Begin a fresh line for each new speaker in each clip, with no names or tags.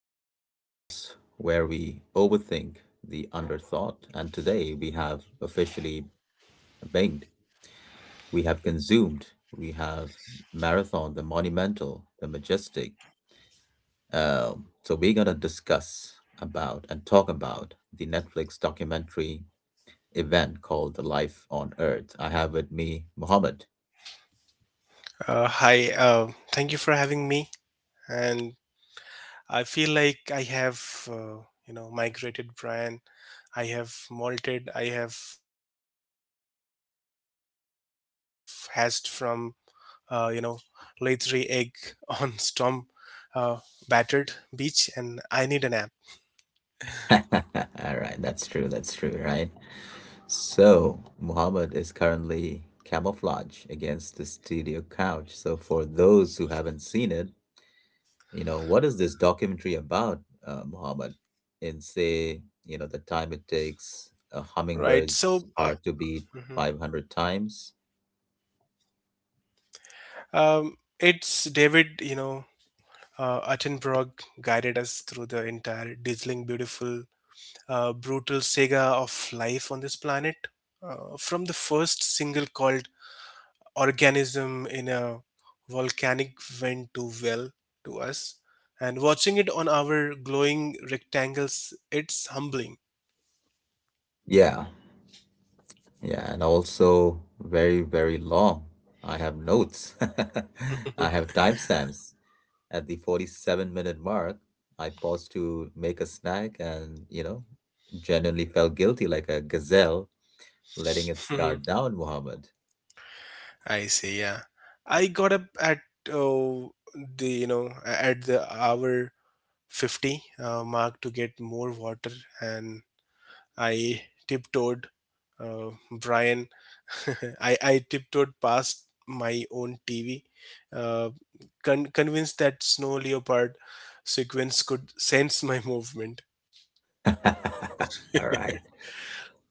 the podcast where we overthink the underthought. And today we have officially banged, we have consumed, we have marathon, the monumental, the majestic. So we're gonna discuss about and talk about the Netflix documentary event called The Life on Earth. I have with me Mohammed.
Hi, thank you for having me. And I feel like I have, migrated Brian. I have molted, I have hashed from, uh, you know, lay three egg on storm uh, battered beach, and I need a nap,
All right, that's true. That's true, right? So, Muhammad is currently camouflage against the studio couch. So, for those who haven't seen it, you know, what is this documentary about, Muhammad? In say, you know, the time it
right? So,
takes a
mhm.
hummingbird's heart to beat 500 times.
It's David, Attenborough guided us through the entire dazzling, beautiful brutal saga of life on this planet. From the first single called Organism in a Volcanic Vent to Well to us. And watching it on our glowing rectangles, it's humbling.
Yeah, yeah, and also very, very long. I have notes. I have timestamps. At the 47-minute mark, I paused to make a snack and, you know, genuinely felt guilty like a gazelle letting its
Mhm.
guard down, Mohammed.
I see, yeah. I got up at oh, the you know a- at the hour 50 mark to get more water and I tiptoed, Brian. I tiptoed past my own TV, uh, convinced that snow leopard sequence could sense my movement.
All right.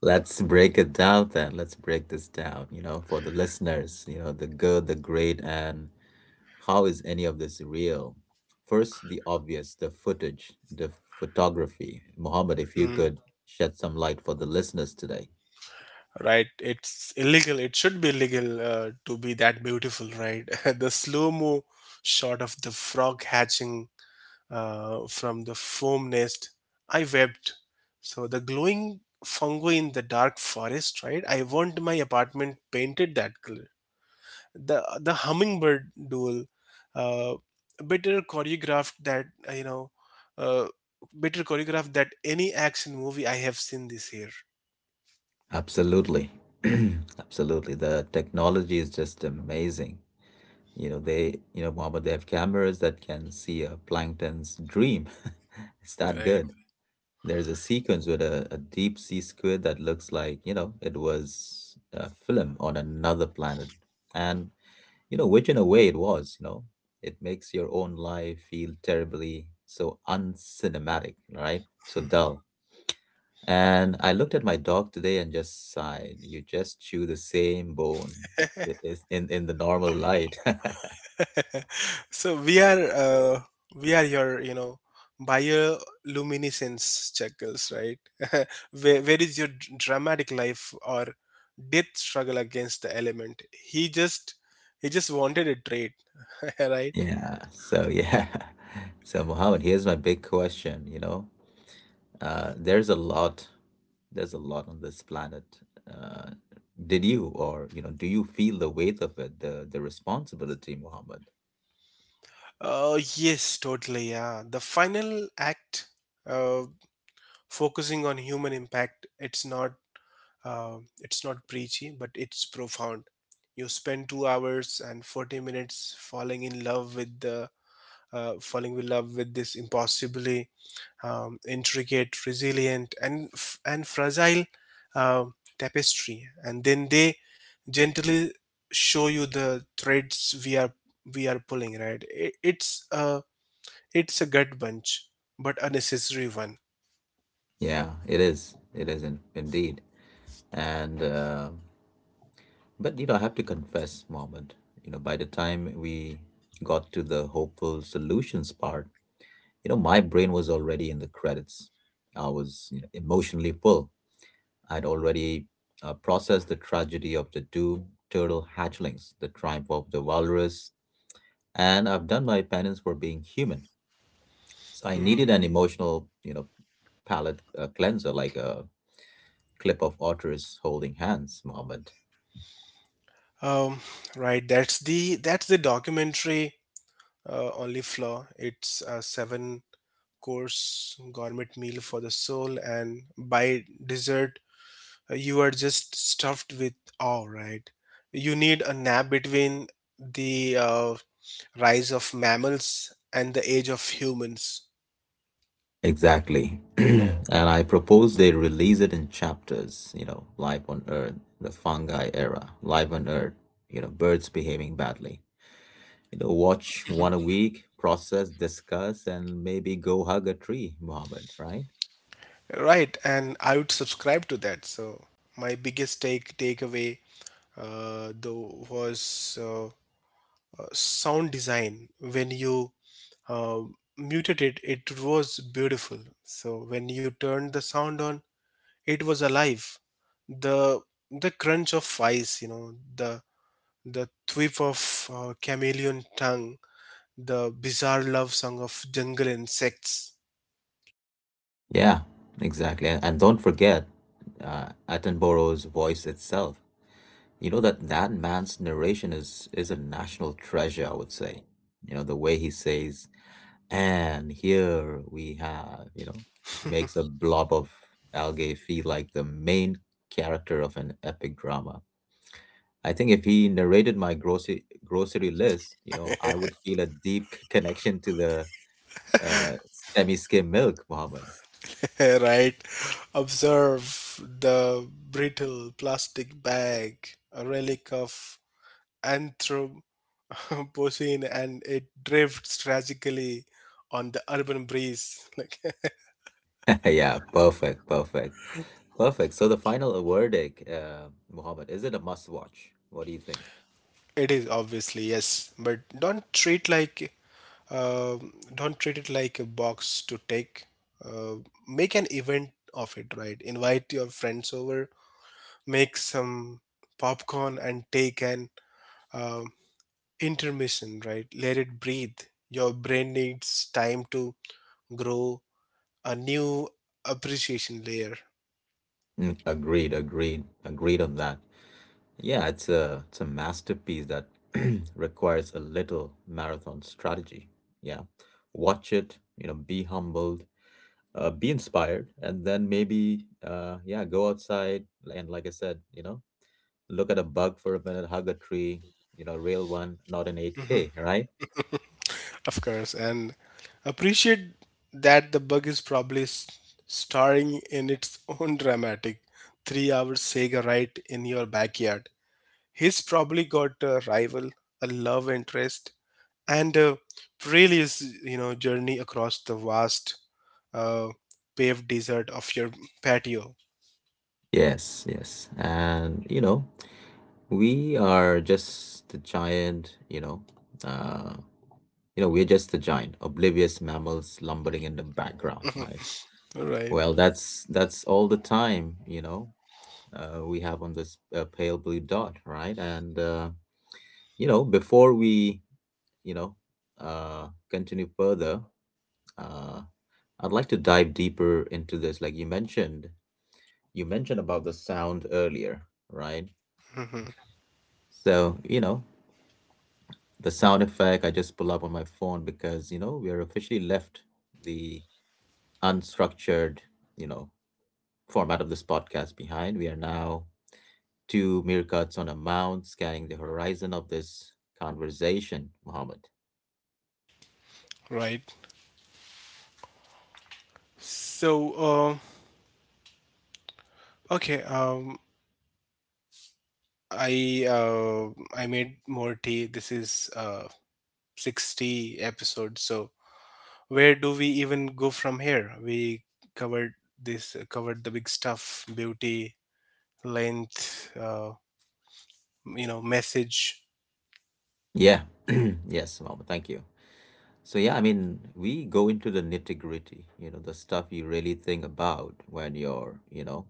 Let's break it down then. Let's break this down, you know, for the listeners, you know, the good, the great, and how is any of this real? First, the obvious, the footage, the photography. Mohammed, if you
Mm,
could shed some light for the listeners today.
right, it's illegal. It should be illegal to be that beautiful, right? The slow mo shot of the frog hatching from the foam nest. I webbed. So the glowing fungi in the dark forest, right? I want my apartment painted that color. The hummingbird duel, uh, better choreographed that uh, better choreographed that any action movie I have seen this year.
Absolutely. Absolutely. The technology is just amazing. You know, they, you know, Mohammed, they have cameras that can see a plankton's dream. It's that
Right.
good. There's a sequence with a deep sea squid that looks like, you know, it was a film on another planet. And, you know, which in a way it was, you know, it makes your own life feel terribly so uncinematic, right? So dull. And I looked at my dog today and just sighed. You just chew the same bone i- is- in in the normal light.
So we are your you know bioluminescence chuckles, right? Where is your dramatic life or death struggle against the element? He just wanted a trade, right?
Yeah. So yeah. So Mohammed, here's my big question, you know. Uh, there's a lot, there's a lot on this planet. Uh, did you or, you know, do you feel the weight of it, the responsibility, Mohammed?
Oh yes, totally. Yeah, the final act. uh, Focusing on human impact, it's not preachy but it's profound. You spend 2 hours and 40 minutes falling in love with the falling in love with this impossibly intricate, resilient and fragile uh, tapestry, and then they gently show you the threads we are pulling, right? It's it's a gut bunch but a necessary one.
Yeah, it is. It is, indeed. And But you know, I have to confess, Mohammed, you know, by the time we got to the hopeful solutions part, you know, my brain was already in the credits. I was, you know, emotionally full. I'd already processed the tragedy of the doomed turtle hatchlings, the triumph of the walrus, and I've done my penance for being human. So I needed
Hmm.
an emotional, you know, palate cleanser, like a clip of otters holding hands, Mohammed.
Um, right, that's the documentary only flaw. It's a seven course gourmet meal for the soul, and by dessert, you are just stuffed with awe. Right, you need a nap between the rise of mammals and the age of humans.
Exactly. And I propose they release it in chapters, you know, life on Earth, the fungi era, life on Earth, you know, birds behaving badly. You know, watch one a week, process, discuss, and maybe go hug a tree, Mohammed, right?
Right, and I would subscribe to that. So my biggest takeaway though was sound design. When you uh, muted it, it was beautiful. So when you turned the sound on, it was alive. The the crunch of ice, you know, the thwip of chameleon tongue, the bizarre love song of jungle insects.
Yeah, exactly. And don't forget Attenborough's voice itself. You know that that man's narration is a national treasure, I would say. You know, the way he says, "And here we have," you know, makes a blob of algae feel like the main character of an epic drama. I think if he narrated my grocery list, you know, I would feel a deep connection to the uh, semi-skim milk, Mohammed.
Right? Observe the brittle plastic bag, a relic of Anthropocene, and it drifts tragically on the urban breeze. Like
Yeah, perfect, perfect, perfect. So the final verdict, Mohammed, is it a must-watch? What do you think?
It is obviously, yes, but don't treat like uh, don't treat it like a box to take. Uh, Make an event of it, right? Invite your friends over, make some popcorn, and take an uh intermission, right? Let it breathe. Your brain needs time to grow a new appreciation layer.
Mm, agreed, agreed, agreed on that. Yeah, it's a masterpiece that requires a little marathon strategy. Yeah. Watch it, you know, be humbled, be inspired, and then maybe yeah, go outside and like I said, you know, look at a bug for a minute, hug a tree, you know, real one, not an
Mm-hmm.
8K, right?
Of course, and appreciate that the bug is probably starring in its own dramatic three-hour saga right in your backyard. He's probably got a rival, a love interest, and a perilous, you know, journey across the vast, uh, paved desert of your patio.
Yes, yes. And you know, we are just the giant, uh you know, we're just the giant, oblivious mammals lumbering in the background, right?
Right.
Well, that's all the time, you know, we have on this pale blue dot, right? And you know, before we, you know, continue further, uh, I'd like to dive deeper into this. Like you mentioned about the sound earlier, right?
Hmm.
So, you know, the sound effect I just pull up on my phone because, you know, we are officially left the unstructured, you know, format of this podcast behind. We are now two meerkats on a mound scanning the horizon of this conversation, Muhammad.
Right. So, okay. I uh, I made more tea. This is 60 episodes. So where do we even go from here? We covered covered the big stuff, beauty, length, you know, message.
Yeah. Yes, Muhammad. Thank you. So, yeah, I mean, we go into the nitty gritty, you know, the stuff you really think about when you're, you know,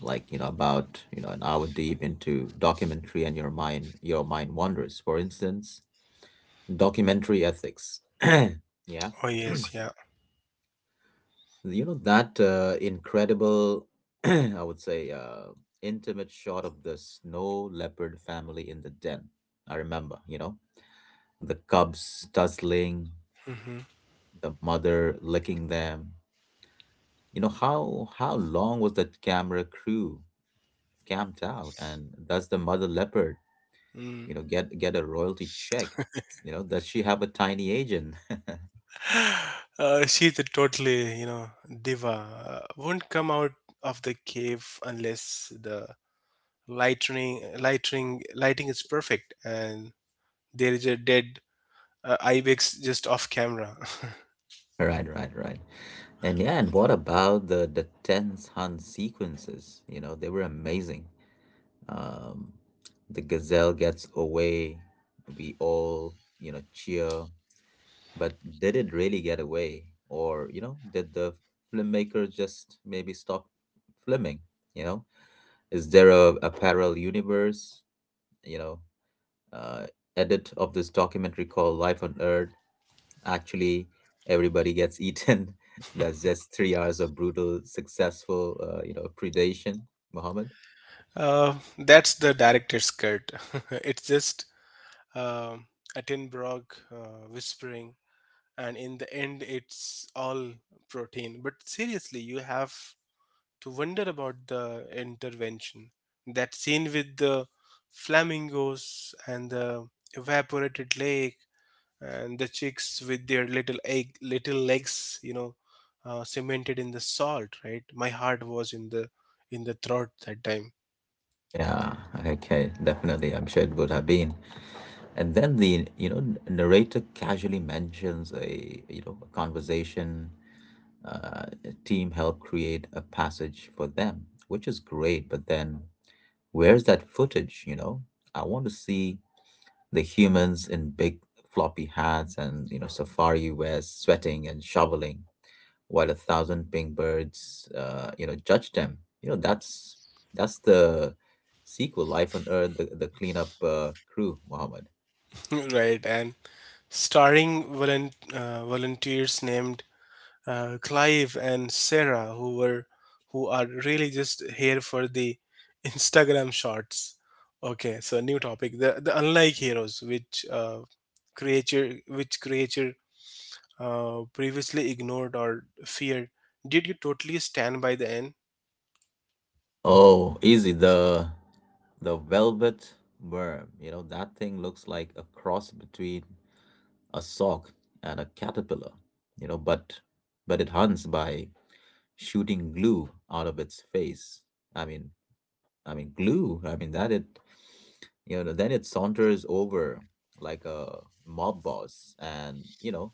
like, you know, about, you know, an hour deep into documentary and your mind wanders. For instance, documentary ethics. Yeah.
Oh yes, yeah.
You know that incredible, I would say, intimate shot of the snow leopard family in the den. I remember, you know, the cubs tussling,
Hmm.
the mother licking them, you know. How long was that camera crew camped out, and does the mother leopard, you
Mm.
know, get a royalty check? You know, does she have a tiny agent?
She's a totally, you know, diva. Won't come out of the cave unless the lighting is perfect, and there is a dead ibex just off camera.
Right, right, right. And yeah, and what about the tense hunt sequences? You know, they were amazing. Um, the gazelle gets away. We all, you know, cheer. But did it really get away? Or, you know, did the filmmaker just maybe stop filming? You know, is there a parallel universe, you know, uh, edit of this documentary called Life on Earth, actually everybody gets eaten? That's just 3 hours of brutal, successful predation, Muhammad.
That's the director's cut. It's just um Attenborough whispering, and in the end, it's all protein. But seriously, you have to wonder about the intervention. That scene with the flamingos and the evaporated lake, and the chicks with their little legs, you know, cemented in the salt. Right, my heart was in the throat that time.
Yeah, okay, definitely. I'm sure it would have been. And then the, you know, narrator casually mentions a you know a conversation, a team helped create a passage for them, which is great. But then where's that footage? You know, I want to see the humans in big floppy hats and, you know, safari wears sweating and shoveling while a thousand pink birds, you know, judge them. You know, that's the sequel, Life on Earth, the cleanup crew, Mohammed.
Right, and starring volunteers named Clive and Sarah, who are really just here for the Instagram shots. Okay, so new topic: the unlike heroes, which creature previously ignored or feared. Did you totally stand by the end?
Oh, easy. The velvet worm. You know, that thing looks like a cross between a sock and a caterpillar. You know, but it hunts by shooting glue out of its face. I mean, I mean glue. I mean that it, you know, then it saunters over like a mob boss and, you know,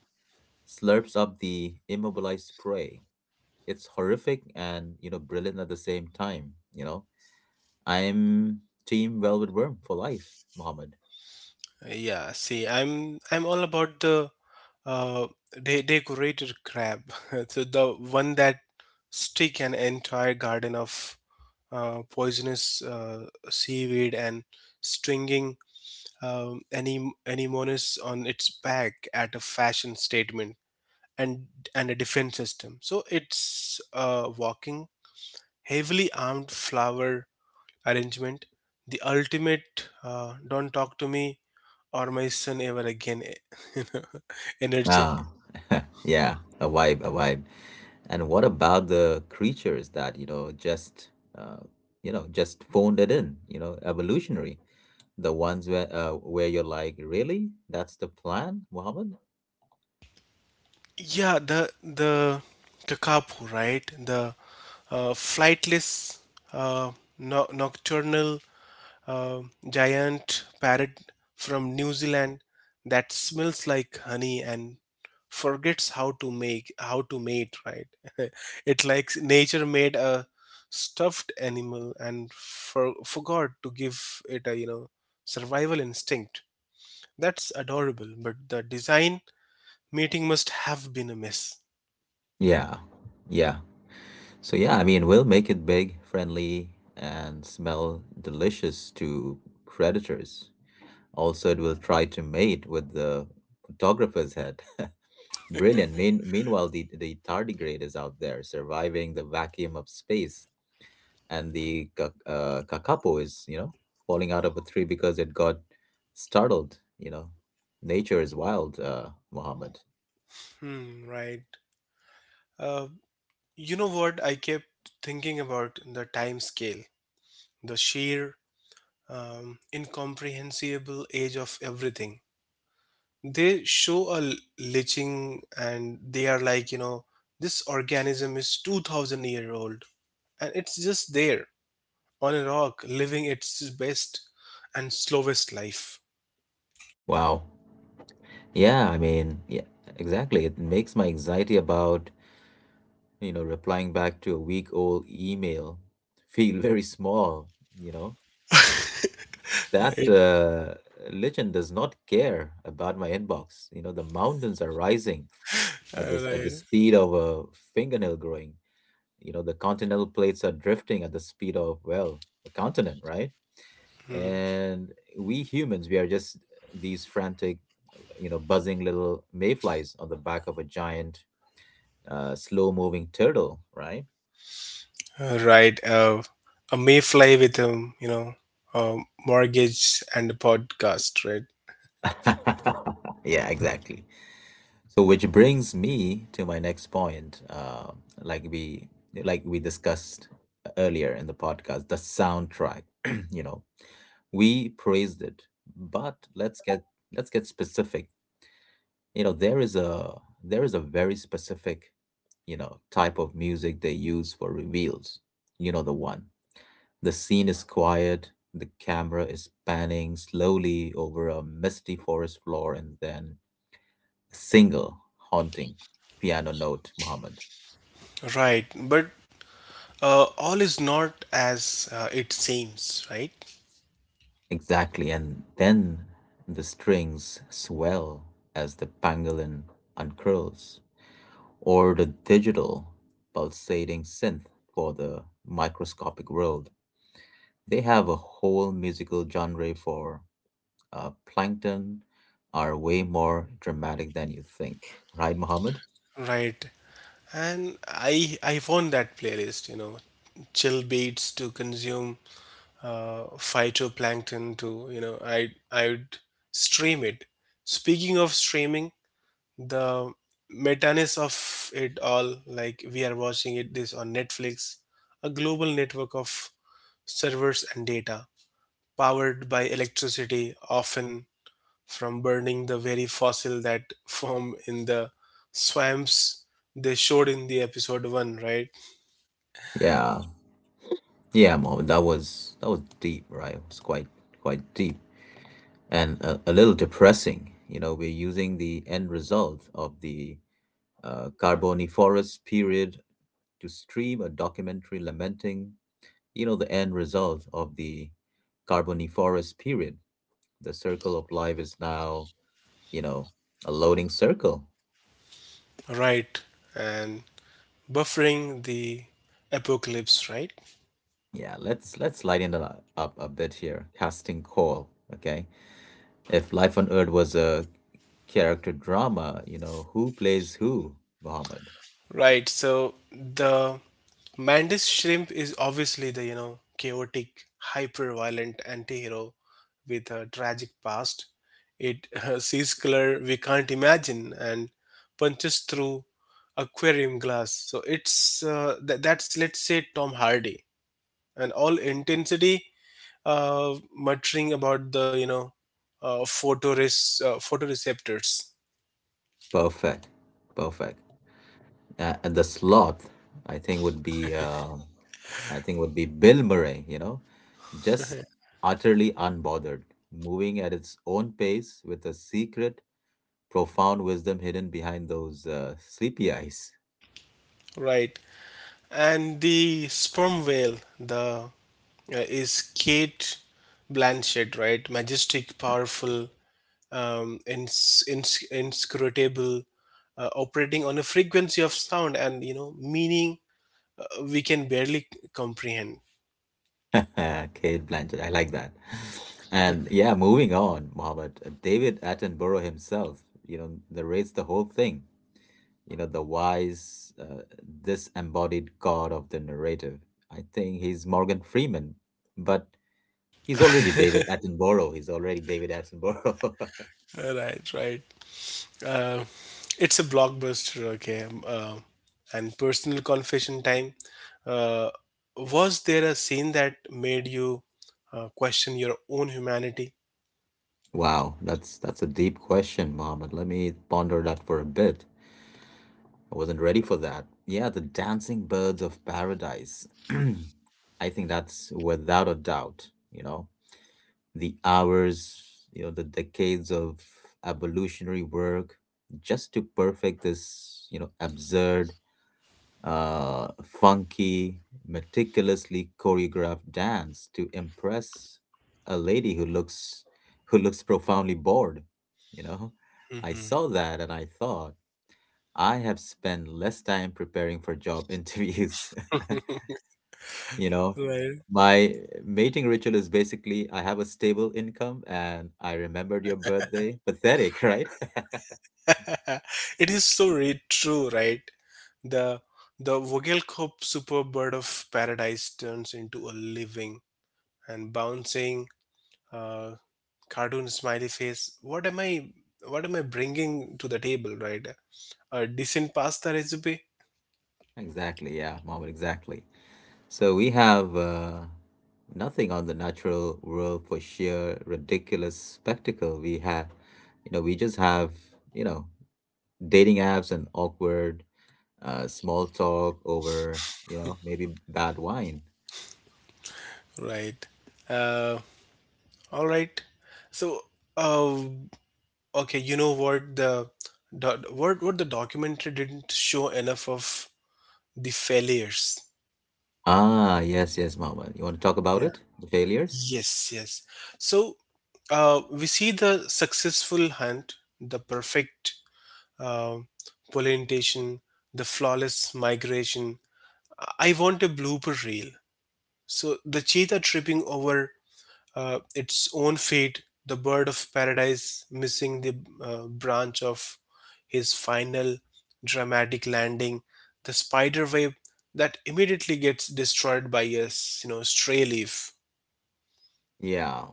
slurps up the immobilized prey. It's horrific and, you know, brilliant at the same time. You know, I'm team velvet worm for life, Mohammed.
Yeah, see, I'm all about the uh decorated crab, so the one that stick an entire garden of uh, poisonous seaweed and stringing any anemones on its back at a fashion statement and and a defense system. So it's a walking, heavily armed flower arrangement. The ultimate "don't talk to me or my son ever again" you know, energy.
Ah, yeah, a vibe, a vibe. And what about the creatures that, you know, just, uh, you know, just phoned it in, you know, evolutionary, the ones where you're like, really, that's the plan, Mohammed?
Yeah, the kakapo, right? The flightless uh, nocturnal uh, giant parrot from New Zealand that smells like honey and forgets how to mate, right? It, like, nature made a stuffed animal and forgot to give it a, you know, survival instinct. That's adorable, but the design meeting must have been a mess.
Yeah. Yeah. So yeah, I mean, we'll make it big, friendly, and smell delicious to predators. Also, it will try to mate with the photographer's head. Brilliant. Meanwhile, the tardigrade is out there surviving the vacuum of space, and the kakapo is, you know, falling out of a tree because it got startled. You know, nature is wild, Mohammed.
Hmm. Right. uh, You know what? I kept thinking about the time scale, the sheer, incomprehensible age of everything. They show a lynching and they are like, you know, this organism is 2,000 year old and it's just there on a rock living its best and slowest life.
Wow. Yeah, I mean, yeah, exactly. It makes my anxiety about, you know, replying back to a week old email feel very small, you know. That
Right.
legend does not care about my inbox. You know, the mountains are rising at this at the
Right.
speed of a fingernail growing. You know, the continental plates are drifting at the speed of, well, a continent, right?
Hmm.
And we humans, we are just these frantic, you know, buzzing little mayflies on the back of a giant slow moving turtle, right?
Right. A mayfly with a, you know, a mortgage and a podcast, right?
Yeah, exactly. So, which brings me to my next point, like we like we discussed earlier in the podcast, the soundtrack. You know, we praised it, but let's get specific. You know, there is a very specific, you know, type of music they use for reveals. You know the one. The scene is quiet. The camera is panning slowly over a misty forest floor, and then a single haunting piano note, Muhammad.
Right, but all is not as it seems, right?
Exactly. And then the strings swell as the pangolin uncurls, or the digital pulsating synth for the microscopic world. They have a whole musical genre for plankton, are way more dramatic than you think, right, Muhammad?
Right and I found that playlist, you know, chill beats to consume phytoplankton to, you know, I would stream it. Speaking of streaming, the metaness of it all, like, we are watching it this on Netflix, a global network of servers and data powered by electricity often from burning the very fossil that form in the swamps they showed in the episode 1, right?
Yeah, yeah, Mohammed, that was deep, right? It was quite deep and a little depressing. You know, we're using the end result of the Carboniferous period to stream a documentary lamenting, you know, the end result of the Carboniferous period. The circle of life is now, you know, a loading circle.
Right, and buffering the apocalypse, right?
Yeah, let's lighten it up a bit here. Casting call, okay? If life on Earth was a character drama, you know, who plays who, Mohammed.
Right, so the Mantis Shrimp is obviously the, you know, chaotic, hyper-violent anti-hero with a tragic past. It sees color we can't imagine and punches through aquarium glass. So it's that's, let's say, Tom Hardy and all intensity, muttering about the, you know, photoreceptors,
Perfect. Perfect. And the sloth, I think would be Bill Murray, you know, just utterly unbothered, moving at its own pace with a secret, profound wisdom hidden behind those sleepy eyes.
right? And the sperm whale, the is Kate Blanchett, right? Majestic, powerful, inscrutable, operating on a frequency of sound and, you know, meaning we can barely comprehend.
Kate Blanchett, I like that. And yeah, moving on, Mohammed, David Attenborough himself, you know, narrates the whole thing, you know, the wise, disembodied god of the narrative. I think he's Morgan Freeman, but he's already David Attenborough. He's already David Attenborough.
Right, right. Uh, it's a blockbuster, okay. And personal confession time. Uh, was there a scene that made you question your own humanity?
Wow, that's a deep question, Mohammed. Let me ponder that for a bit. I wasn't ready for that. Yeah, the dancing birds of paradise. I think that's without a doubt, you know, the hours, you know, the decades of evolutionary work just to perfect this, you know, absurd, funky, meticulously choreographed dance to impress a lady who looks profoundly bored, you know? I
Hmm.
saw that and I thought I have spent less time preparing for job interviews. You know,
Right,
my mating ritual is basically I have a stable income and I remembered your birthday. Pathetic, right?
it is so true, right? The the Vogelkop super bird of paradise turns into a living and bouncing uh, cartoon smiley face. What am I? What am I bringing to the table, right? A decent pasta recipe,
Exactly. Yeah, Mohammed, exactly. So we have nothing on the natural world for sheer ridiculous spectacle. We have, you know, we just have, you know, dating apps and awkward small talk over, you know, maybe bad wine.
right? Uh, all right. So, uh, okay, you know what the what the documentary didn't show enough of: the failures.
Ah, yes, yes, Mohammed. You want to talk about
Yeah.
it? The failures?
Yes, yes. So we see the successful hunt, the perfect uh, pollination, the flawless migration. I want a blooper reel. So the cheetah tripping over its own feet, the bird of paradise missing the branch of his final dramatic landing, the spider web that immediately gets destroyed by a you know stray leaf.
Yeah.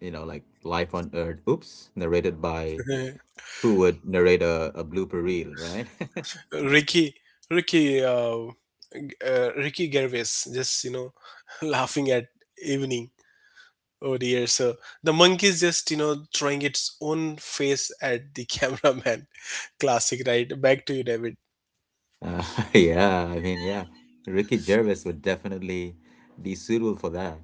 You know, like Life on Earth, oops, narrated by who would narrate a blooper reel, right?
Ricky, Ricky, uh, Ricky Gervais, just, you know, laughing at evening over the years. So the monkey is just, you know, throwing its own face at the cameraman. Classic, right? Back to you, David.
uh, yeah, I mean, yeah, Ricky Gervais would definitely be suitable for that.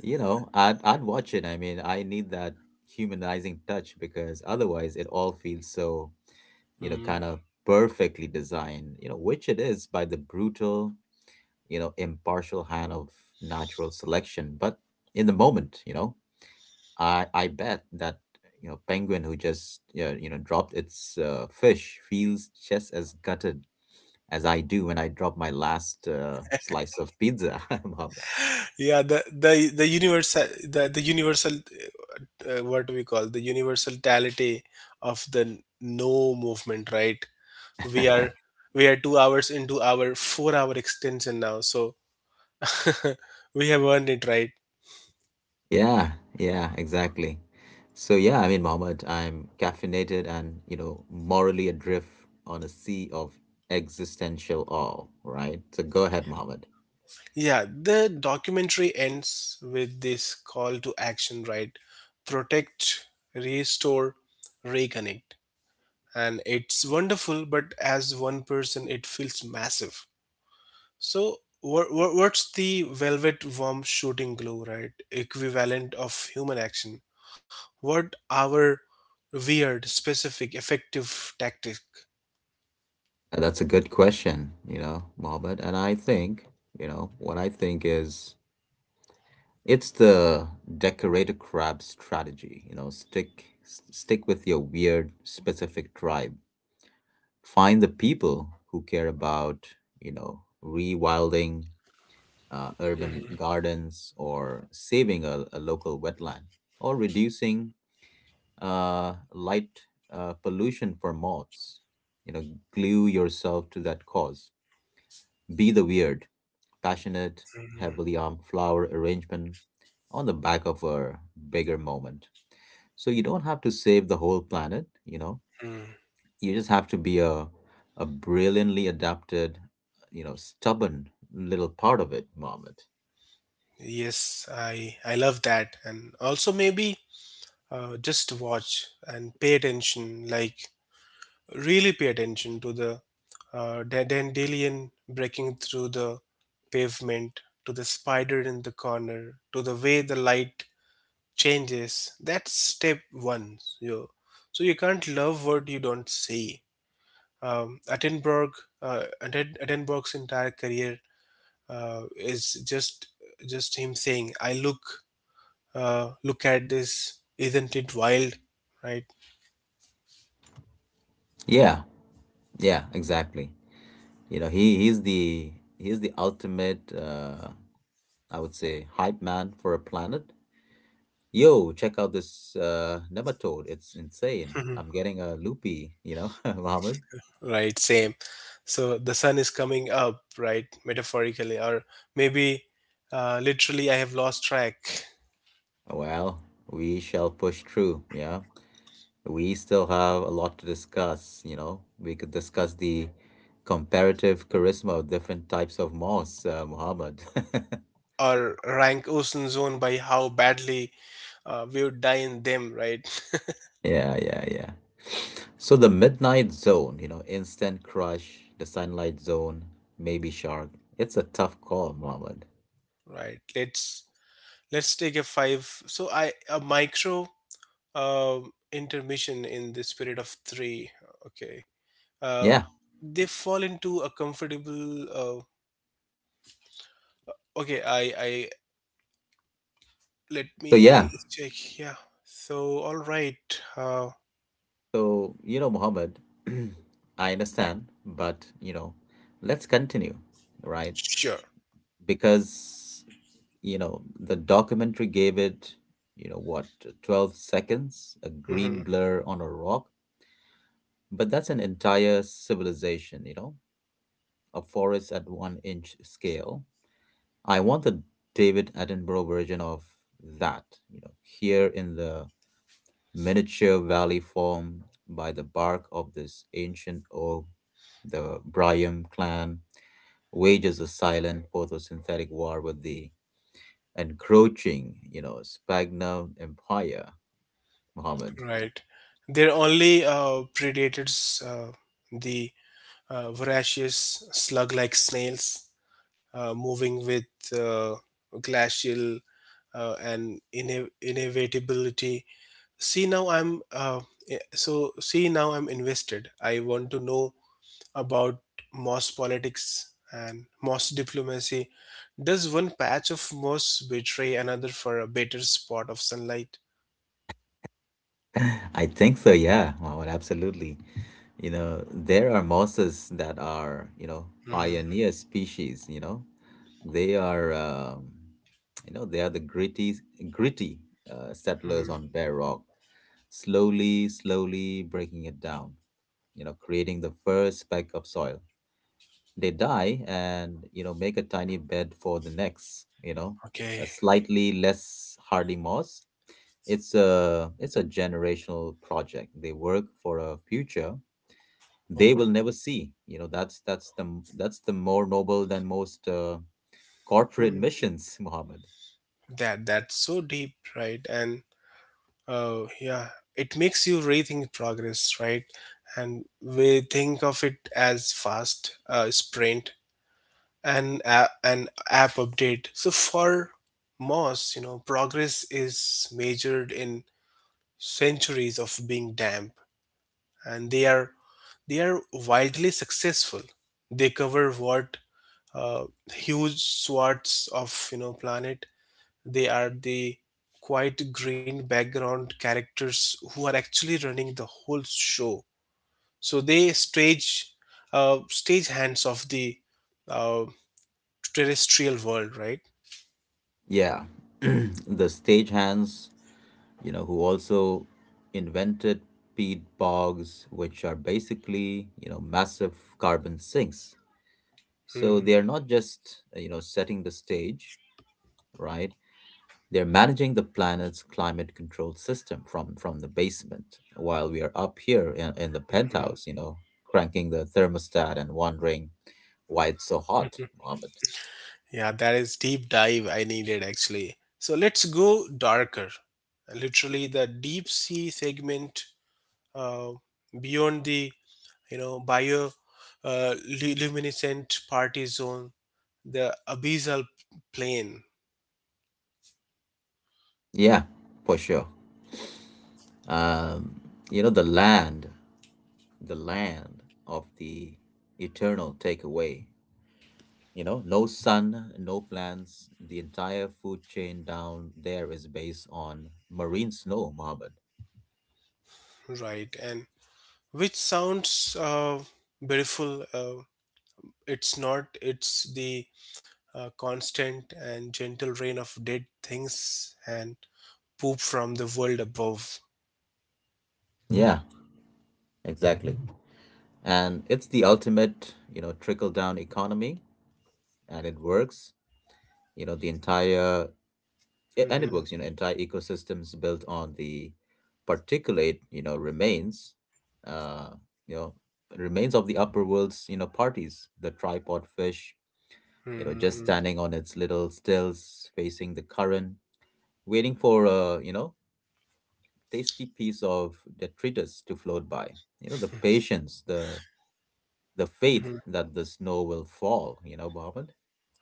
You know, I'd watch it. I mean, I need that humanizing touch because otherwise it all feels so, you know,
Hmm.
kind of perfectly designed, you know, which it is by the brutal, you know, impartial hand of natural selection. But in the moment, you know. I bet that you know penguin who just yeah, you know dropped its fish feels just as gutted as I do when I drop my last slice of pizza, Mohammed.
Yeah, the universal what do we call the universality of the no movement, right? We are we are 2 hours into our 4 hour extension now, so we have earned it, right?
Yeah, yeah, exactly. So yeah, I mean, Mohammed, I'm caffeinated and you know morally adrift on a sea of existential awe. Right. So go ahead, Mohammed.
Yeah, the documentary ends with this call to action, right? Protect, restore, reconnect. And it's wonderful, but as one person, it feels massive. So, what's the velvet worm shooting glue, right? Equivalent of human action. What our weird, specific, effective tactic?
That's a good question, you know, Mohammed. And I think, you know, what I think is, it's the decorated crab strategy. You know, stick with your weird specific tribe. Find the people who care about, you know, rewilding urban
Mhm,
gardens or saving a local wetland or reducing light pollution for moths. You know, glue yourself to that cause. Be the weird, passionate,
mhm,
heavily armed flower arrangement on the back of a bigger moment. So you don't have to save the whole planet, you know.
mhm.
You just have to be a brilliantly adapted, you know, stubborn little part of it, Mohammed.
Yes, I love that, and also maybe just watch and pay attention, like really pay attention to the dandelion breaking through the pavement, to the spider in the corner, to the way the light changes. That's step one. You so you can't love what you don't see. Attenborough, Attenborough's entire career is just him saying, "I look. Look at this, isn't it wild, right?"
Yeah, yeah, exactly. You know, he's the ultimate, I would say, hype man for a planet. Yo, check out this nematode. It's insane. I'm getting a loopy, you know, Mohammed.
Right, same. So the sun is coming up, right? Metaphorically, or maybe literally, I have lost track.
Well, we shall push through. Yeah. We still have a lot to discuss, you know. We could discuss the comparative charisma of different types of moss, Muhammad.
Or rank ocean zone by how badly we would die in them, right?
Yeah, yeah, yeah. So the midnight zone, you know, instant crush, the sunlight zone, maybe shark. It's a tough call, Muhammad.
Right, let's take a five, so I a micro uh, intermission in the spirit of three. Okay. uh,
Yeah.
they fall into a comfortable okay. I Let
So yeah,
me check. Yeah. So, all right. Uh,
so, you know, Mohammed, I understand, but, you know, let's continue, right?
sure.
Because, you know, the documentary gave it, you know, what, 12 seconds, a
Hmm.
green blur on a rock, but that's an entire civilization, you know, a forest at one inch scale. I want the David Attenborough version of that, you know, here in the miniature valley formed by the bark of this ancient oak. The Bryum clan wages a silent photosynthetic war with the encroaching, you know, Sphagnum Empire, Muhammad.
Right. They're only predators, the voracious slug like snails, moving with uh, glacial and inevitability. See, now I'm. Uh, see, now I'm invested. I want to know about Moss politics and Moss diplomacy. Does one patch of moss betray another for a better spot of sunlight?
I think so, yeah. Wow, well, absolutely. You know, there are mosses that are, you know,
Mm,
pioneer species, you know. They are, you know, they are the gritty, gritty settlers
mm,
on bare rock, slowly, slowly breaking it down, you know, creating the first speck of soil. They die and, you know, make a tiny bed for the next, you know, a
okay.
slightly less hardy moss. It's a generational project. They work for a future they will
Oh.
never see. You know, that's the more noble than most corporate
Hmm.
missions, Muhammad.
That that's so deep, right? And oh, yeah, it makes you rethink progress, right? And we think of it as fast, sprint and a an app update. So for Moss, you know, progress is measured in centuries of being damp, and they are wildly successful. They cover what, uh, huge swaths of, you know, planet. They are the quite green background characters who are actually running the whole show. So they stage, stage hands of the uh, terrestrial world, right?
Yeah, the stagehands, you know, who also invented peat bogs, which are basically you know massive carbon sinks.
Mm-hmm.
So they are not just you know setting the stage, right? They're managing the planet's climate control system from the basement, while we are up here in the penthouse, you know, cranking the thermostat and wondering why it's so hot, Mohammed.
Yeah, that is deep dive I needed actually. So let's go darker. Literally, the deep sea segment, uh, beyond the, you know, bio uh, luminescent party zone, the abyssal plain,
Yeah, for sure. Um, you know, the land, the land of the eternal takeaway. You know, no sun, no plants. The entire food chain down there is based on marine snow, Mohammed.
right? And which sounds beautiful. It's not. It's the constant and gentle rain of dead things and poop from the world above.
Yeah, exactly. And it's the ultimate you know trickle down economy and it works, you know, the entire a- and it
Hmm.
works you know entire ecosystems built on the particulate uh you know remains of the upper world's you know parties. The tripod fish, you know, just
Hmm.
standing on its little stills facing the current, waiting for a you know tasty piece of detritus to float by. You know the patience, the faith
Mhm.
that the snow will fall, you know, Mohammed?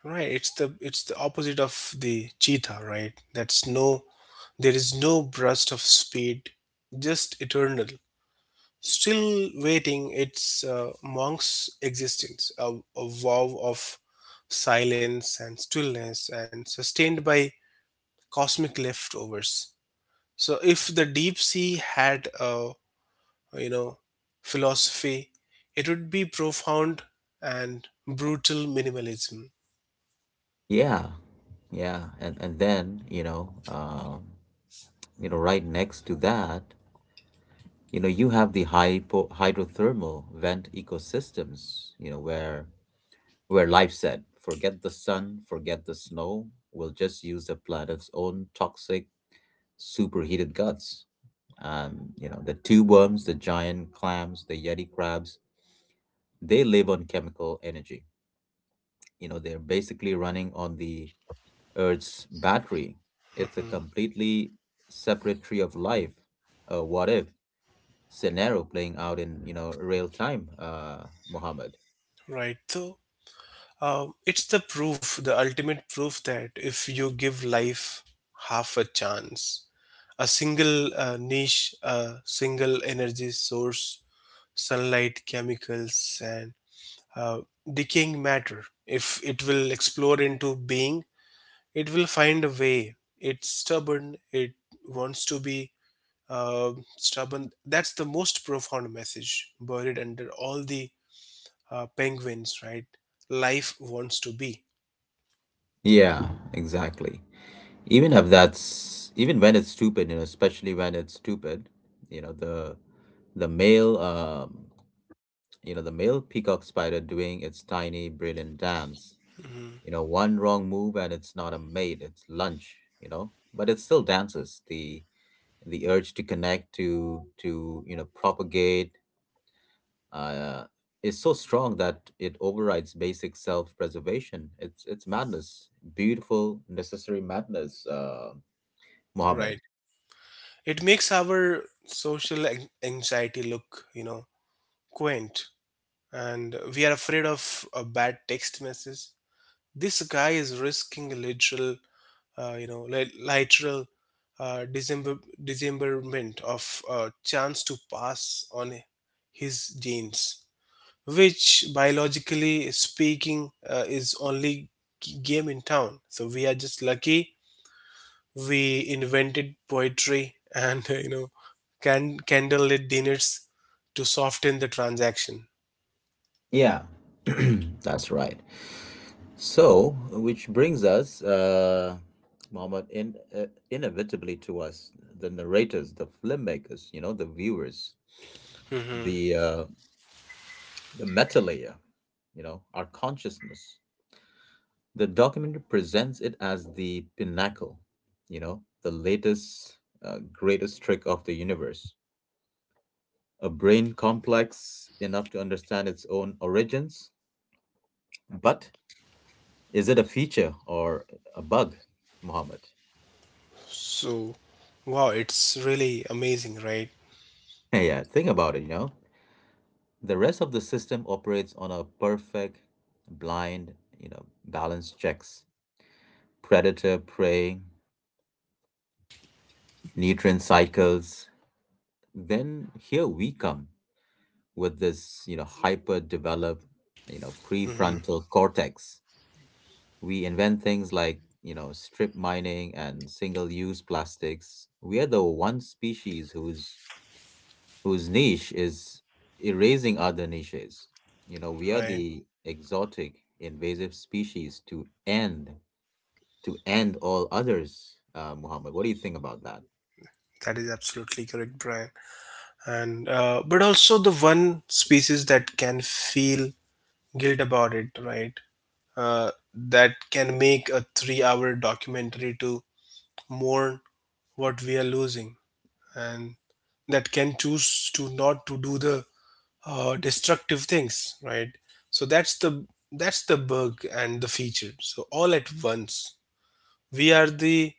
Right, it's the opposite of the cheetah, right? That's no, there is no burst of speed, just eternal. Still waiting, it's monk's existence, a vow of silence and stillness, and sustained by cosmic leftovers. So, if the deep sea had a, you know, philosophy, it would be profound and brutal minimalism.
Yeah, yeah, and then you know, right next to that, you know, you have the hypo hydrothermal vent ecosystems, you know, where life said, forget the sun, forget the snow, we'll just use the planet's own toxic superheated guts. You know, the tube worms, the giant clams, the yeti crabs, they live on chemical energy. You know, they're basically running on the Earth's battery. It's a
Mhm.
completely separate tree of life, a what if scenario playing out in, you know, real time, Muhammad.
Right. So um, it's the proof, the ultimate proof that if you give life half a chance, a single niche, a single energy source, sunlight, chemicals, and uh, decaying matter, if it will explore into being, it will find a way. It's stubborn, it wants to be stubborn. That's the most profound message buried under all the penguins, right? Life wants to be.
Yeah, exactly. Even if that's, even when it's stupid, you know, especially when it's stupid, you know, the the male um, the male peacock spider doing its tiny, brilliant dance.
Mhm.
You know, one wrong move and it's not a mate, it's lunch, you know, but it still dances. The urge to connect, to you know, propagate, uh, is so strong that it overrides basic self-preservation. It's madness, beautiful, necessary madness, Muhammad.
Right. It makes our social anxiety look, you know, quaint, and we are afraid of a bad text message. This guy is risking a literal, you know, literal dismemberment of a chance to pass on his genes, which biologically speaking is only game in town. So we are just lucky we invented poetry and, you know, candlelit dinners to soften the transaction.
Yeah, that's right. So, which brings us, Mohammed, in, inevitably to us, the narrators, the filmmakers, you know, the viewers,
Hmm.
the uh, the meta layer, you know, our consciousness. The documentary presents it as the pinnacle, you know, the latest, greatest trick of the universe. A brain complex enough to understand its own origins, but is it a feature or a bug, Muhammad?
So wow, it's really amazing, right?
Yeah, think about it, you know. The rest of the system operates on a perfect, blind, you know, balance checks, predator, prey, nutrient cycles. Then here we come with this, you know, hyper developed, you know,
Hmm.
prefrontal cortex. We invent things like, you know, strip mining and single use plastics. We are the one species whose niche is erasing other niches. You know, we are
Right,
the exotic invasive species to end all others. Muhammad, what do you think about that?
that is absolutely correct, Brian. And but also the one species that can feel guilt about it, right? uh, that can make a 3 hour documentary to mourn what we are losing, and that can choose to not to do the destructive things, right? So that's the bug and the feature, so all at once we are the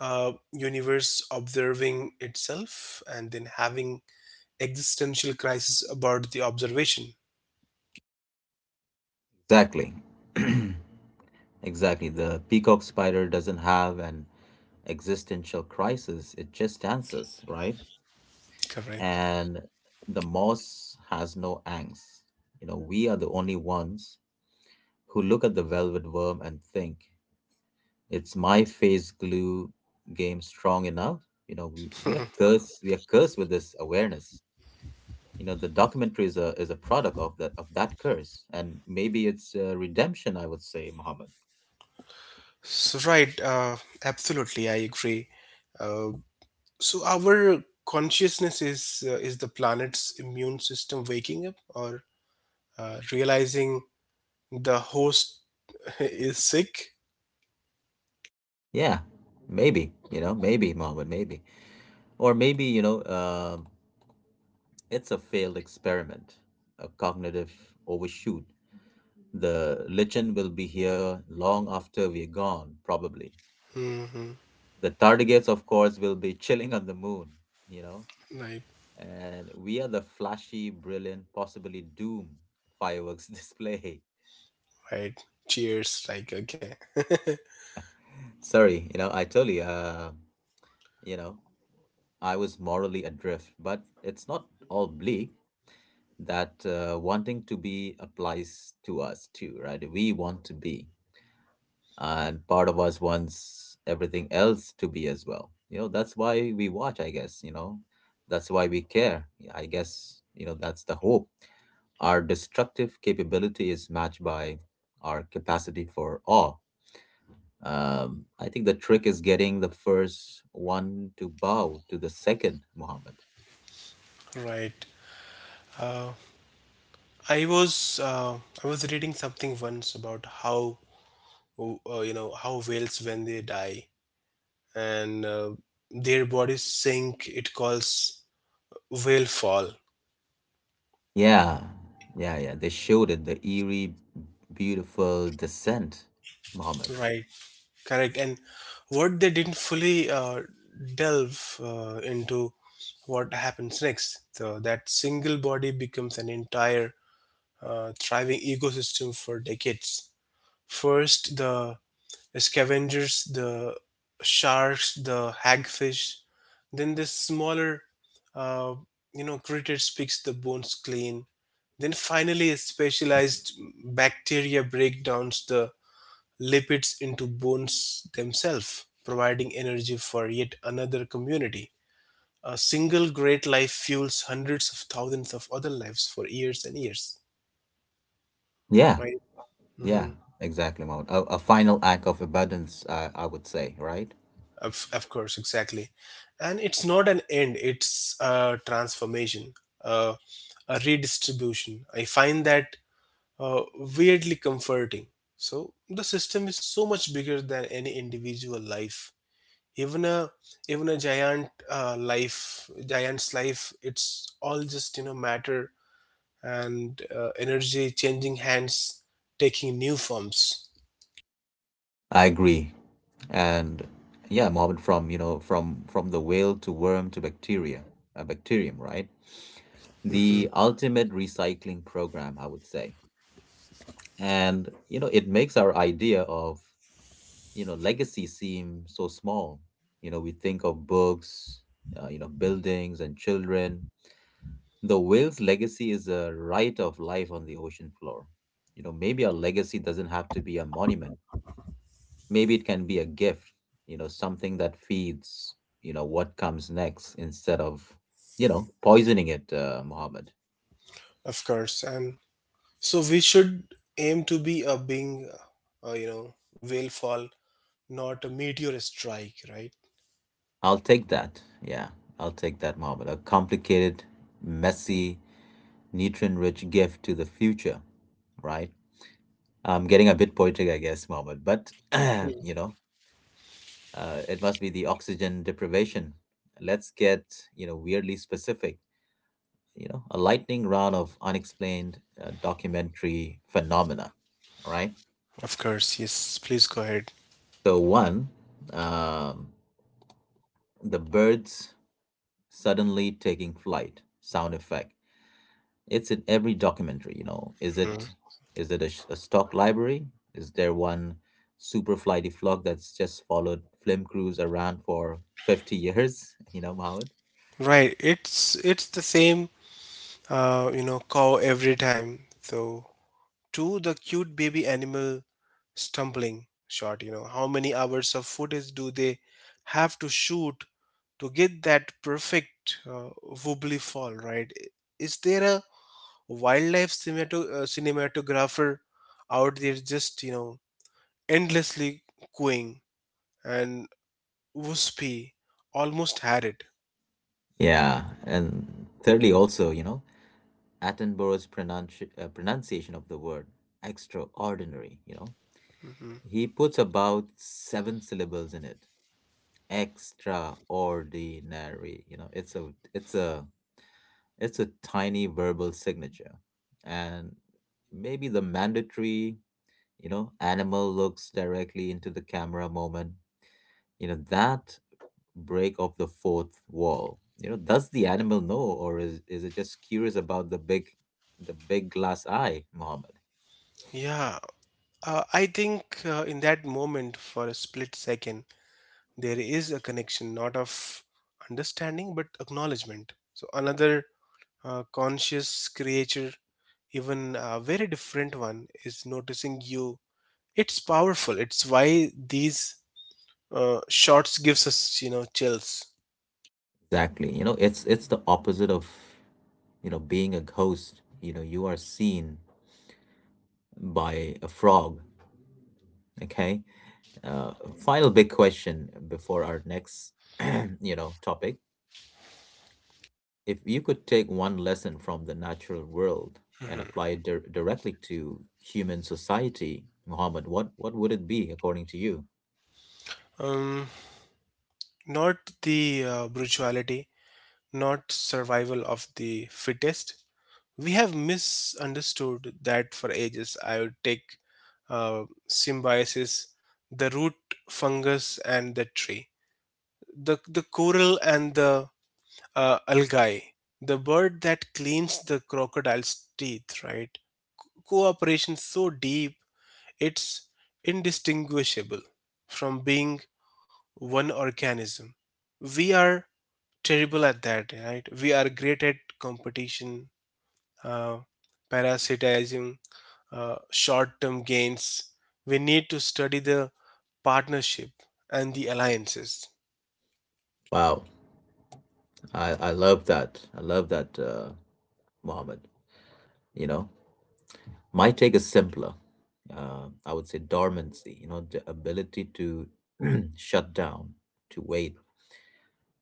universe observing itself and then having existential crisis about the observation.
Exactly. Exactly. The peacock spider doesn't have an existential crisis. It just dances, right?
Correct.
And the moss has no angst. You know, we are the only ones who look at the velvet worm and think, it's my face glue game strong enough? You know, we are cursed. We are cursed with this awareness. You know, the documentary is a product of that curse, and maybe it's redemption. I would say, Muhammad.
So right, absolutely, I agree. uh, So our consciousness is, is the planet's immune system waking up or realizing the host is sick.
Yeah, maybe. You know, maybe Muhammad, maybe, or maybe you know, it's a failed experiment, a cognitive overshoot. The legend will be here long after we're gone, probably.
Hmm.
The tardigrades, of course, will be chilling on the moon, you know,
Right,
and we are the flashy, brilliant, possibly doom fireworks display.
right. Cheers. Like okay.
Sorry, you know, I told you, you know, I was morally adrift, but it's not all bleak. That wanting to be applies to us too, right? We want to be, and part of us wants everything else to be as well. You know that's why we watch, I guess, you know, that's why we care. Yeah, I guess you know that's the hope. Our destructive capability is matched by our capacity for awe. I think the trick is getting the first one to bow to the second, Muhammad.
Right. Uh, I was, I was reading something once about how, you know, how whales when they die and, their bodies sink. It calls whale fall.
Yeah, yeah, yeah, they showed it, the eerie beautiful descent, Muhammad.
Right. Correct. And what they didn't fully delve into what happens next. So that single body becomes an entire thriving ecosystem for decades. First, the scavengers, the sharks, the hagfish. Then the smaller, uh, you know, critters picks the bones clean. Then finally, a specialized bacteria breakdowns the lipids into bones themselves, providing energy for yet another community. A single great life fuels hundreds of thousands of other lives for years and years,
Yeah.
right?
Yeah,
Hmm.
exactly, Mahmoud. A final act of abundance, I would say, right?
Of course, exactly. And it's not an end, it's a transformation, a, a redistribution. I find that uh, weirdly comforting. So the system is so much bigger than any individual life. Even a even a giant life, giant's life, it's all just, you know, matter and, energy changing hands, taking new forms.
I agree. And yeah, Mohammed, from from the whale to worm to bacteria, a bacterium, right? The
Hmm.
ultimate recycling program, I would say. And you know, it makes our idea of legacy seem so small. You know, we think of books, buildings and children. The whale's legacy is a right of life on the ocean floor. You know, maybe a legacy doesn't have to be a monument. Maybe it can be a gift, something that feeds, what comes next instead of, poisoning it, Mohammed.
Of course, and so we should aim to be a being, you know, whale fall, not a meteor strike, right?
I'll take that. Yeah, I'll take that, Mohammed. A complicated, messy, nutrient rich gift to the future, right? I'm getting a bit poetic, I guess, Mohammed, but
Mm.
you know, it must be the oxygen deprivation. Let's get weirdly specific. You know, a lightning round of unexplained documentary phenomena. All right.
Of course, yes, please go ahead.
So one, um, the birds suddenly taking flight sound effect. It's in every documentary. You know, is
Mhm.
it a, a stock library? Is there one super flighty flock that's just followed film crews around for 50 years? You know, Mohammed.
Right, it's the same, you know, cow every time. So to the cute baby animal stumbling shot, you know, how many hours of footage do they have to shoot to get that perfect wobbly fall, right? Is there a wildlife cinematographer out there just, you know, endlessly cooing and wispy, almost had it.
Yeah, and thirdly, also, you know, Attenborough's pronunciation of the word extraordinary. You know,
Hmm.
he puts about seven syllables in it. Extraordinary, you know, it's a tiny verbal signature, and maybe the mandatory, you know, animal looks directly into the camera moment. You know that break of the fourth wall. You know, does the animal know, or is it just curious about the big glass eye, Mohammed?
Yeah, I think in that moment, for a split second, there is a connection, not of understanding but acknowledgement. So another conscious creature, even a very different one, is noticing you. It's powerful, it's why these shots gives us, you know, chills.
Exactly, you know, it's the opposite of being a ghost. You know, you are seen by a frog. Okay. Final big question before our next topic. If you could take one lesson from the natural world and
Mhm.
apply it directly to human society, Mohammed, what would it be according to you?
Um, not the brutality, not survival of the fittest. We have misunderstood that for ages. I would take symbiosis, the root fungus and the tree, the coral and the algae, the bird that cleans the crocodile's teeth, right? Cooperation so deep, it's indistinguishable from being one organism. We are terrible at that, right? We are great at competition, uh, parasitism, short term gains. We need to study the partnership and the alliances,
Wow, I love that. I love that, Mohammed. You know, my take is simpler. I would say dormancy, you know, the ability to shut down, to wait,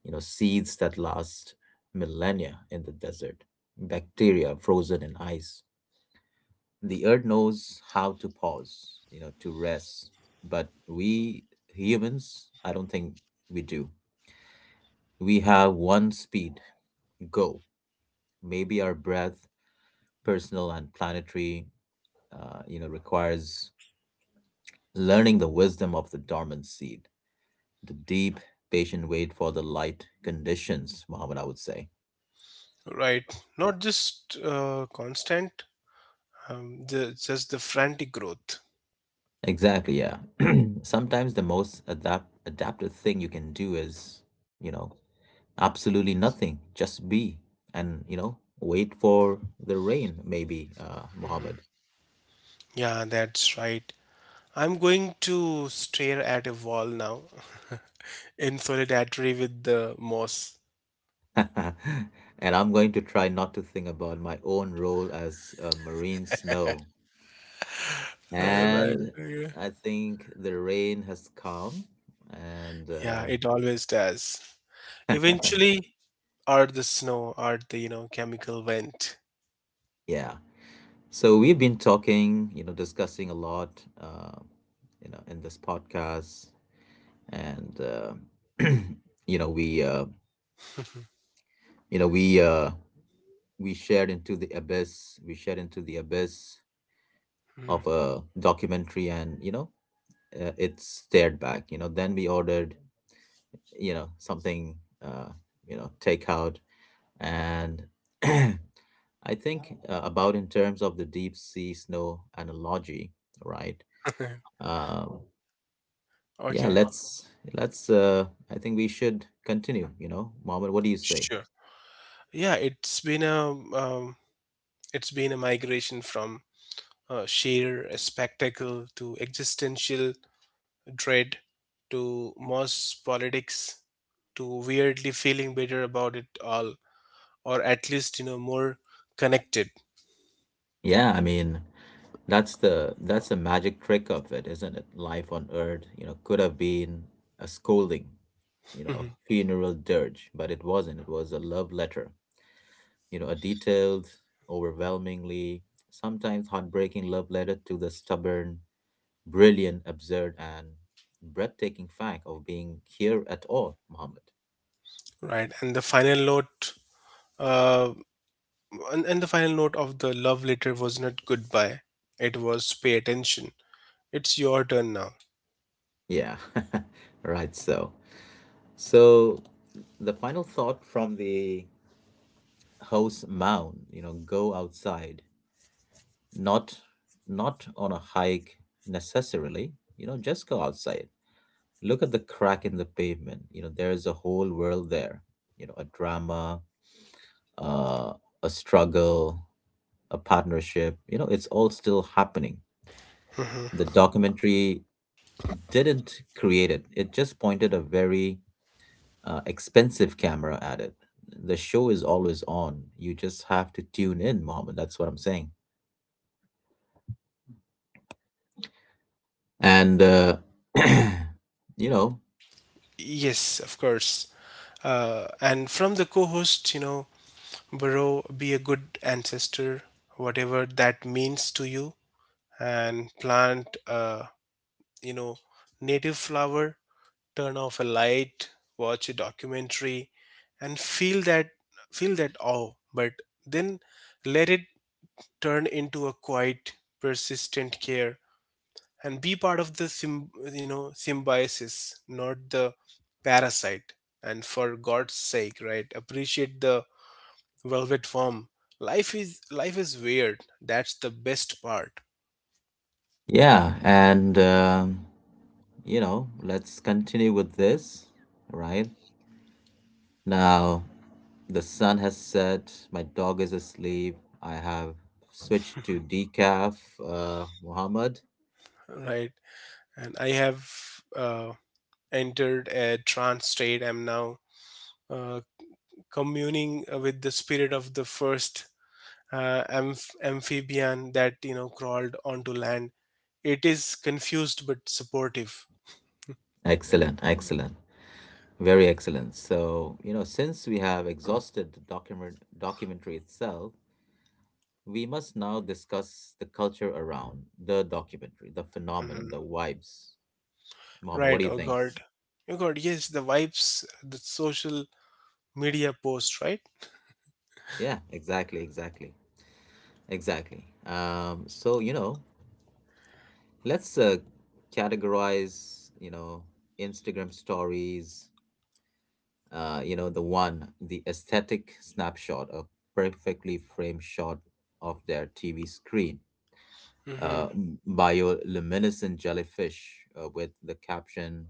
you know, seeds that last millennia in the desert, bacteria frozen in ice. The earth knows how to pause, you know, to rest. But we humans, I don't think we do. We have one speed, go. Maybe our breath, personal and planetary, you know, requires learning the wisdom of the dormant seed, the deep, patient wait for the light conditions, Muhammad, I would say.
right? Not just constant, the, just the frantic growth.
Exactly, yeah. Sometimes the most adaptive thing you can do is, you know, absolutely nothing. Just be and, you know, wait for the rain, maybe, Muhammad.
Yeah, that's right. I'm going to stare at a wall now in solidarity with the moss.
And I'm going to try not to think about my own role as a marine snow.
Right.
And
Okay.
I think the rain has come. And
Yeah,
uh,
it always does. Eventually, or the snow, or the, you know, chemical vent.
yeah, so we've been talking, you know, discussing a lot, in this podcast. And you know, we, uh, you know, we, uh, we shared into the abyss,
Mhm.
of a documentary. And, you know, it stared back. You know, then we ordered, something, uh, takeout. And I think about in terms of the deep sea snow analogy, right? Um, yeah,
Okay.
let's. I think we should continue. You know, Mohammed, what do you say?
Sure. Yeah, it's been a migration from sheer spectacle to existential dread to mass politics to weirdly feeling better about it all, or at least, you know, more connected.
Yeah, I mean, that's the magic trick of it, isn't it? Life on Earth, you know, could have been a scolding, you know, a
Mhm.
funeral dirge, but it wasn't. It was a love letter, you know, a detailed, overwhelmingly, sometimes heartbreaking love letter to the stubborn, brilliant, absurd, and breathtaking fact of being here at all, Muhammad.
Right, and the final note, uh, and the final note of the love letter was not goodbye, it was pay attention, it's your turn now.
Yeah, right. So the final thought from the host mound, you know, go outside, not not on a hike necessarily. You know, just go outside. Look at the crack in the pavement. You know, there is a whole world there. You know, a drama, uh, a struggle, a partnership. You know, it's all still happening. The
Mhm.
documentary didn't create it, it just pointed a very expensive camera at it. The show is always on. You just have to tune in, Mohammed. That's what I'm saying. And, you know,
Yes, of course. And from the co-host, you know, bro, be a good ancestor, whatever that means to you, and plant a, you know, native flower, turn off a light, watch a documentary, and feel that, feel that awe, but then let it turn into a quiet, persistent care, and be part of the you know, symbiosis, not the parasite. And for God's sake, right? Appreciate the velvet form. Life is life is weird, that's the best part.
yeah. And, you know, let's continue with this, right? Now, the sun has set. My dog is asleep. I have switched to decaf. Muhammad,
Right, and I have uh, entered a trance state. I'm now uh, communing with the spirit of the first amphibian that, you know, crawled onto land. It is confused but supportive.
excellent, excellent, very excellent. So you know, since we have exhausted the documentary itself, we must now discuss the culture around the documentary, the phenomenon, the
Hmm.
vibes. Muhammad, what do
Right.
you
Oh
think?
God. Oh God. Yes, the vibes, the social media post, right?
Yeah, exactly, exactly, exactly. So you know, let's categorize. You know, Instagram stories, you know, the one, the aesthetic snapshot, a perfectly framed shot of their TV screen,
Hmm.
bioluminescent jellyfish with the caption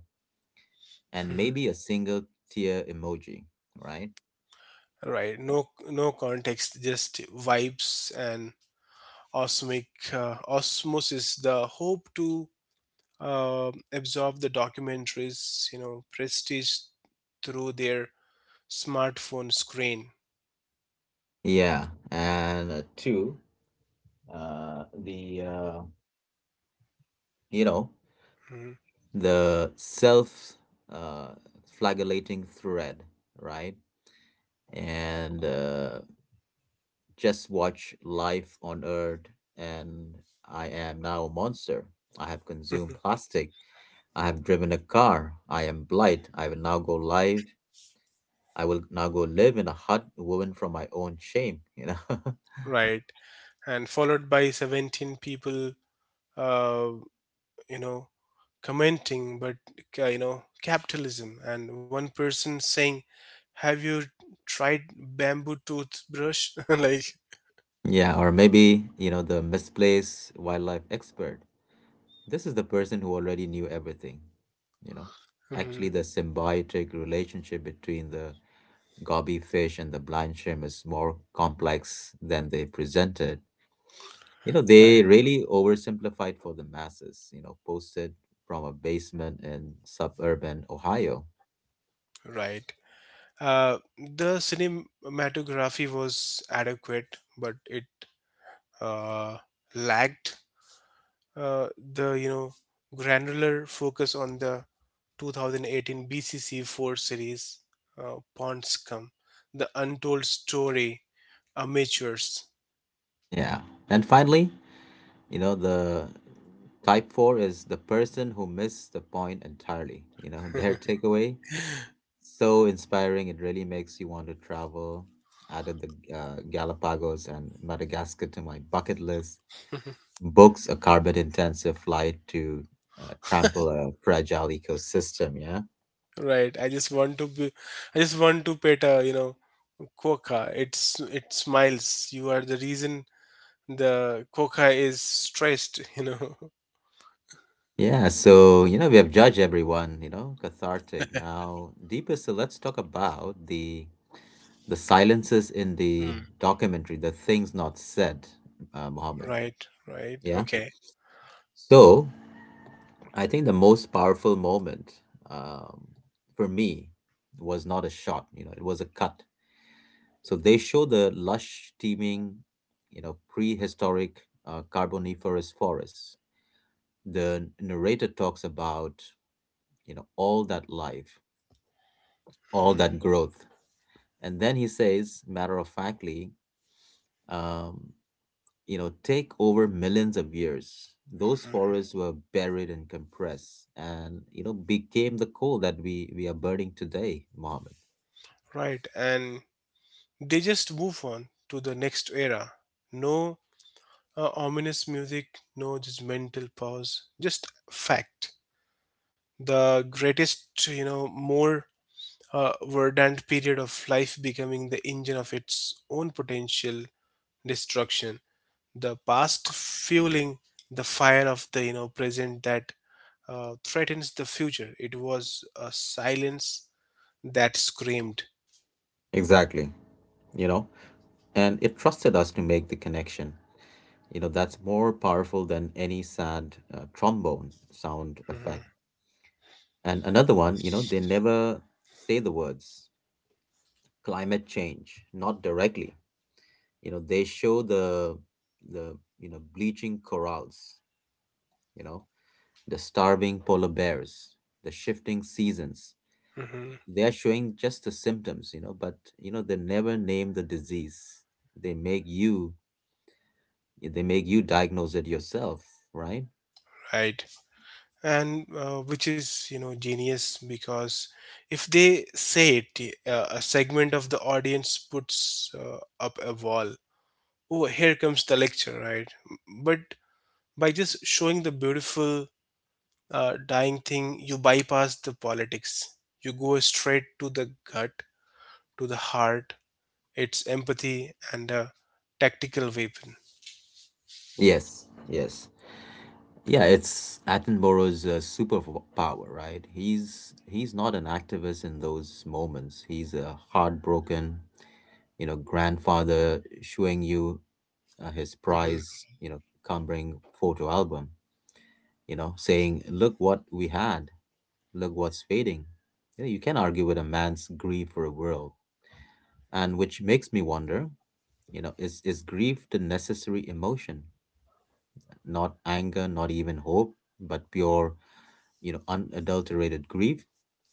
and maybe a single tear emoji, right?
Right. No, no context. Just vibes and osmic osmosis. The hope to absorb the documentaries, you know, prestige through their smartphone screen.
Yeah, and two, the you know.
Mhm.
The self uh, flagellating thread, right? And just watch life on Earth, and I am now a monster. I have consumed plastic. I have driven a car. I am blight. I will now go live in a hut woven from my own shame, you know?
Right. And followed by 17 people, uh, you know, commenting but you know, capitalism, and one person saying, have you tried bamboo toothbrush? Like
Yeah, or maybe, you know, the misplaced wildlife expert. This is the person who already knew everything, you know. Actually,
mhm,
the symbiotic relationship between the gobby fish and the blind shrimp is more complex than they presented. You know,
right,
they really oversimplified for the masses, you know, posted from a basement in suburban Ohio.
right, the cinematography was adequate, but it uh, lacked uh, the, you know, granular focus on the 2018 bcc 4 series, ponds come, the untold story, amateurs.
Yeah. And finally, you know, the type 4 is the person who missed the point entirely. You know, their takeaway. So inspiring. It really makes you want to travel. Added the Galapagos and Madagascar to my bucket list. Books a carbon intensive flight to trample a fragile ecosystem. Yeah.
Right. I just want to be, I just want to pet a, you know, quokka. It's it smiles. You are the reason the quokka is stressed, you know.
Yeah. So, you know, we have judged everyone, you know, cathartic. Now, deeper. So let's talk about the silences in the
Mm.
documentary, the things not said, Mohammed.
Right, right.
Yeah.
Okay.
So I think the most powerful moment, um, for me, was not a shot, you know, it was a cut. So they show the lush, teeming, you know, prehistoric carboniferous forests. The narrator talks about, you know, all that life, all
Mhm.
that growth. And then he says, matter of factly, um, you know, take over millions of years. Those forests were buried and compressed and, you know, became the coal that we are burning today, Mohammed.
Right. And they just move on to the next era. No ominous music, no judgmental pause, just fact. The greatest, you know, more, a verdant period of life becoming the engine of its own potential destruction, the past fueling the fire of the, you know, present that threatens the future. It was a silence that screamed.
Exactly, you know, and it trusted us to make the connection. You know, that's more powerful than any sad trombone sound
Mhm,
effect. And another one, you know, they never say the words. Climate change, not directly. You know, they show the you know bleaching corals, you know, the starving polar bears, the shifting seasons.
mhm,
They are showing just the symptoms, you know, but you know they never name the disease. They make you they make you diagnose it yourself, right?
right, and which is, you know, genius because if they say it, a segment of the audience puts up a wall, oh here comes the lecture, right? But by just showing the beautiful dying thing, you bypass the politics. You go straight to the gut, to the heart. It's empathy and a tactical weapon.
Yes, yes. Yeah, it's Attenborough's superpower, right? He's not an activist in those moments. He's heartbroken, you know, grandfather showing you his
Hmm.
prize, you know, cumbering photo album, you know, saying look what we had, look what's fading. You know, you can argue with a man's grief for a world. And which makes me wonder, you know, is grief the necessary emotion, not anger, not even hope, but pure, you know, unadulterated grief,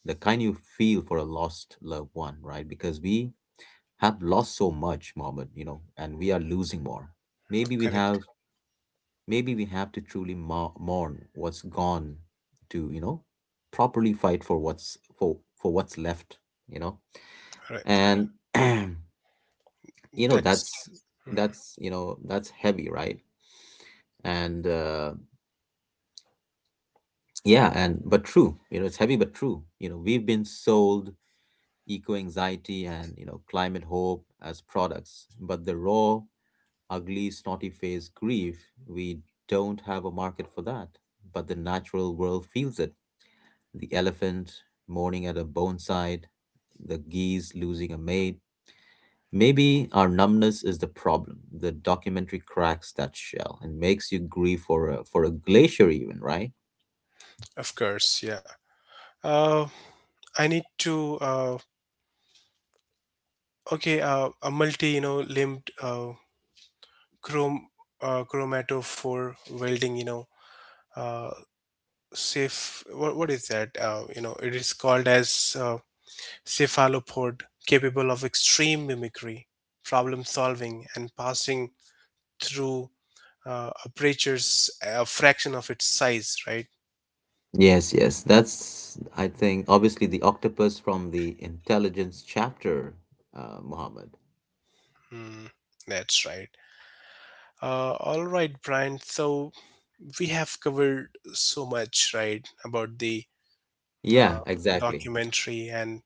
the kind you feel for a lost loved one, right? Because we have lost so much, Mohammed, you know, and we are losing more. Maybe we have,
Correct.
maybe we have to truly mourn what's gone to, you know, properly fight for what's left, you know.
Right.
And you know
That's
that's
mhm.
that's you know that's heavy, right? And yeah, and but true. You know, it's heavy but true. You know, we've been sold eco anxiety and you know climate hope as products, but the raw, ugly, snotty face grief, we don't have a market for that. But the natural world feels it. The elephant mourning at a boneside, the geese losing a mate. Maybe our numbness is the problem. The documentary cracks that shell and makes you grieve for a glacier even, right?
Of course. Yeah. Uh, I need to. Okay. A multi, you know, limbed chrome chromatophore welding. You know, uh, safe. What is that? You know, it is called as. Cephalopod capable of extreme mimicry, problem solving, and passing through apertures a fraction of its size, right?
Yes, yes. That's I think obviously the octopus from the intelligence chapter, Mohammed.
Hmm, that's right. All right, Brian. So we have covered so much, right, about the
Yeah,
uh,
exactly.
documentary, and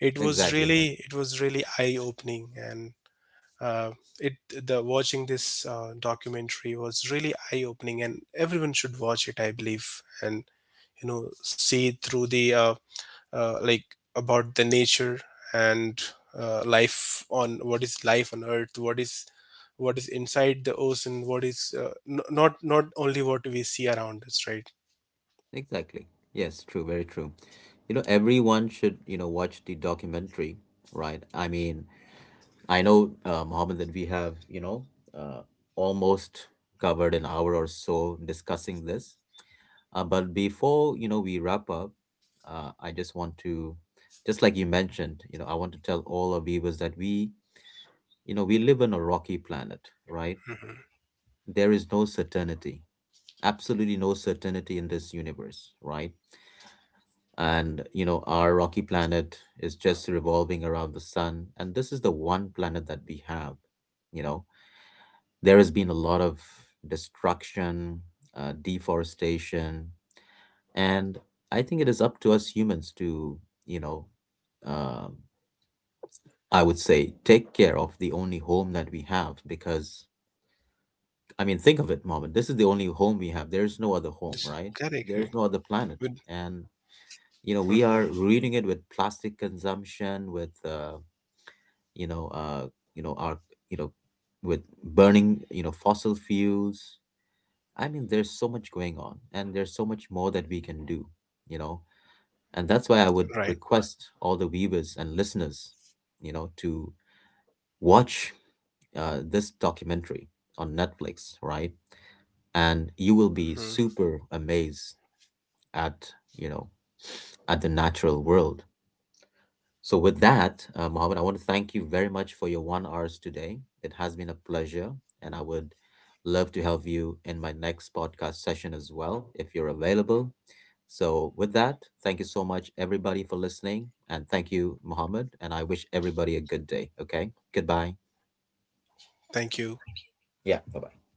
Exactly.
it was really eye-opening, and uh, it the watching this documentary was really eye-opening, and everyone should watch it, I believe, and you know see through the like about the nature and life on, what is life on earth, what is inside the ocean, what is, not not only what we see around us, right?
Exactly. Yes, true, very true. You know, everyone should, you know, watch the documentary, right? I mean, I know, Mohammed, that we have, uh, almost covered an hour or so discussing this. But before, you know, we wrap up, I just want to, just like you mentioned, you know, I want to tell all our viewers that we, you know, we live on a rocky planet, right?
Hmm.
There is no certainty, absolutely no certainty in this universe, right? And you know our rocky planet is just revolving around the sun, and this is the one planet that we have. You know, there has been a lot of destruction, deforestation. And I think it is up to us humans to, you know, um I would say take care of the only home that we have. Because I mean think of it moment, this is the only home we have. There's no other
This is
home, right?
correct, correct.
There's no other
With-
planet. And you know we
Mhm.
are ruining it with plastic consumption, with you know uh you know our you know with burning you know fossil fuels. I mean there's so much going on, and there's so much more that we can do, you know. And that's why I would
Right.
request all the viewers and listeners, you know, to watch this documentary on Netflix, right? And you
Mhm.
will be super amazed at you know at the natural world. So, with that, Mohammed, I want to thank you very much for your one hours today. It has been a pleasure, and I would love to have you in my next podcast session as well if you're available. So, with that, thank you so much, everybody, for listening. And thank you, Mohammed. And I wish everybody a good day. Okay. Goodbye.
Thank you.
Yeah. Bye bye.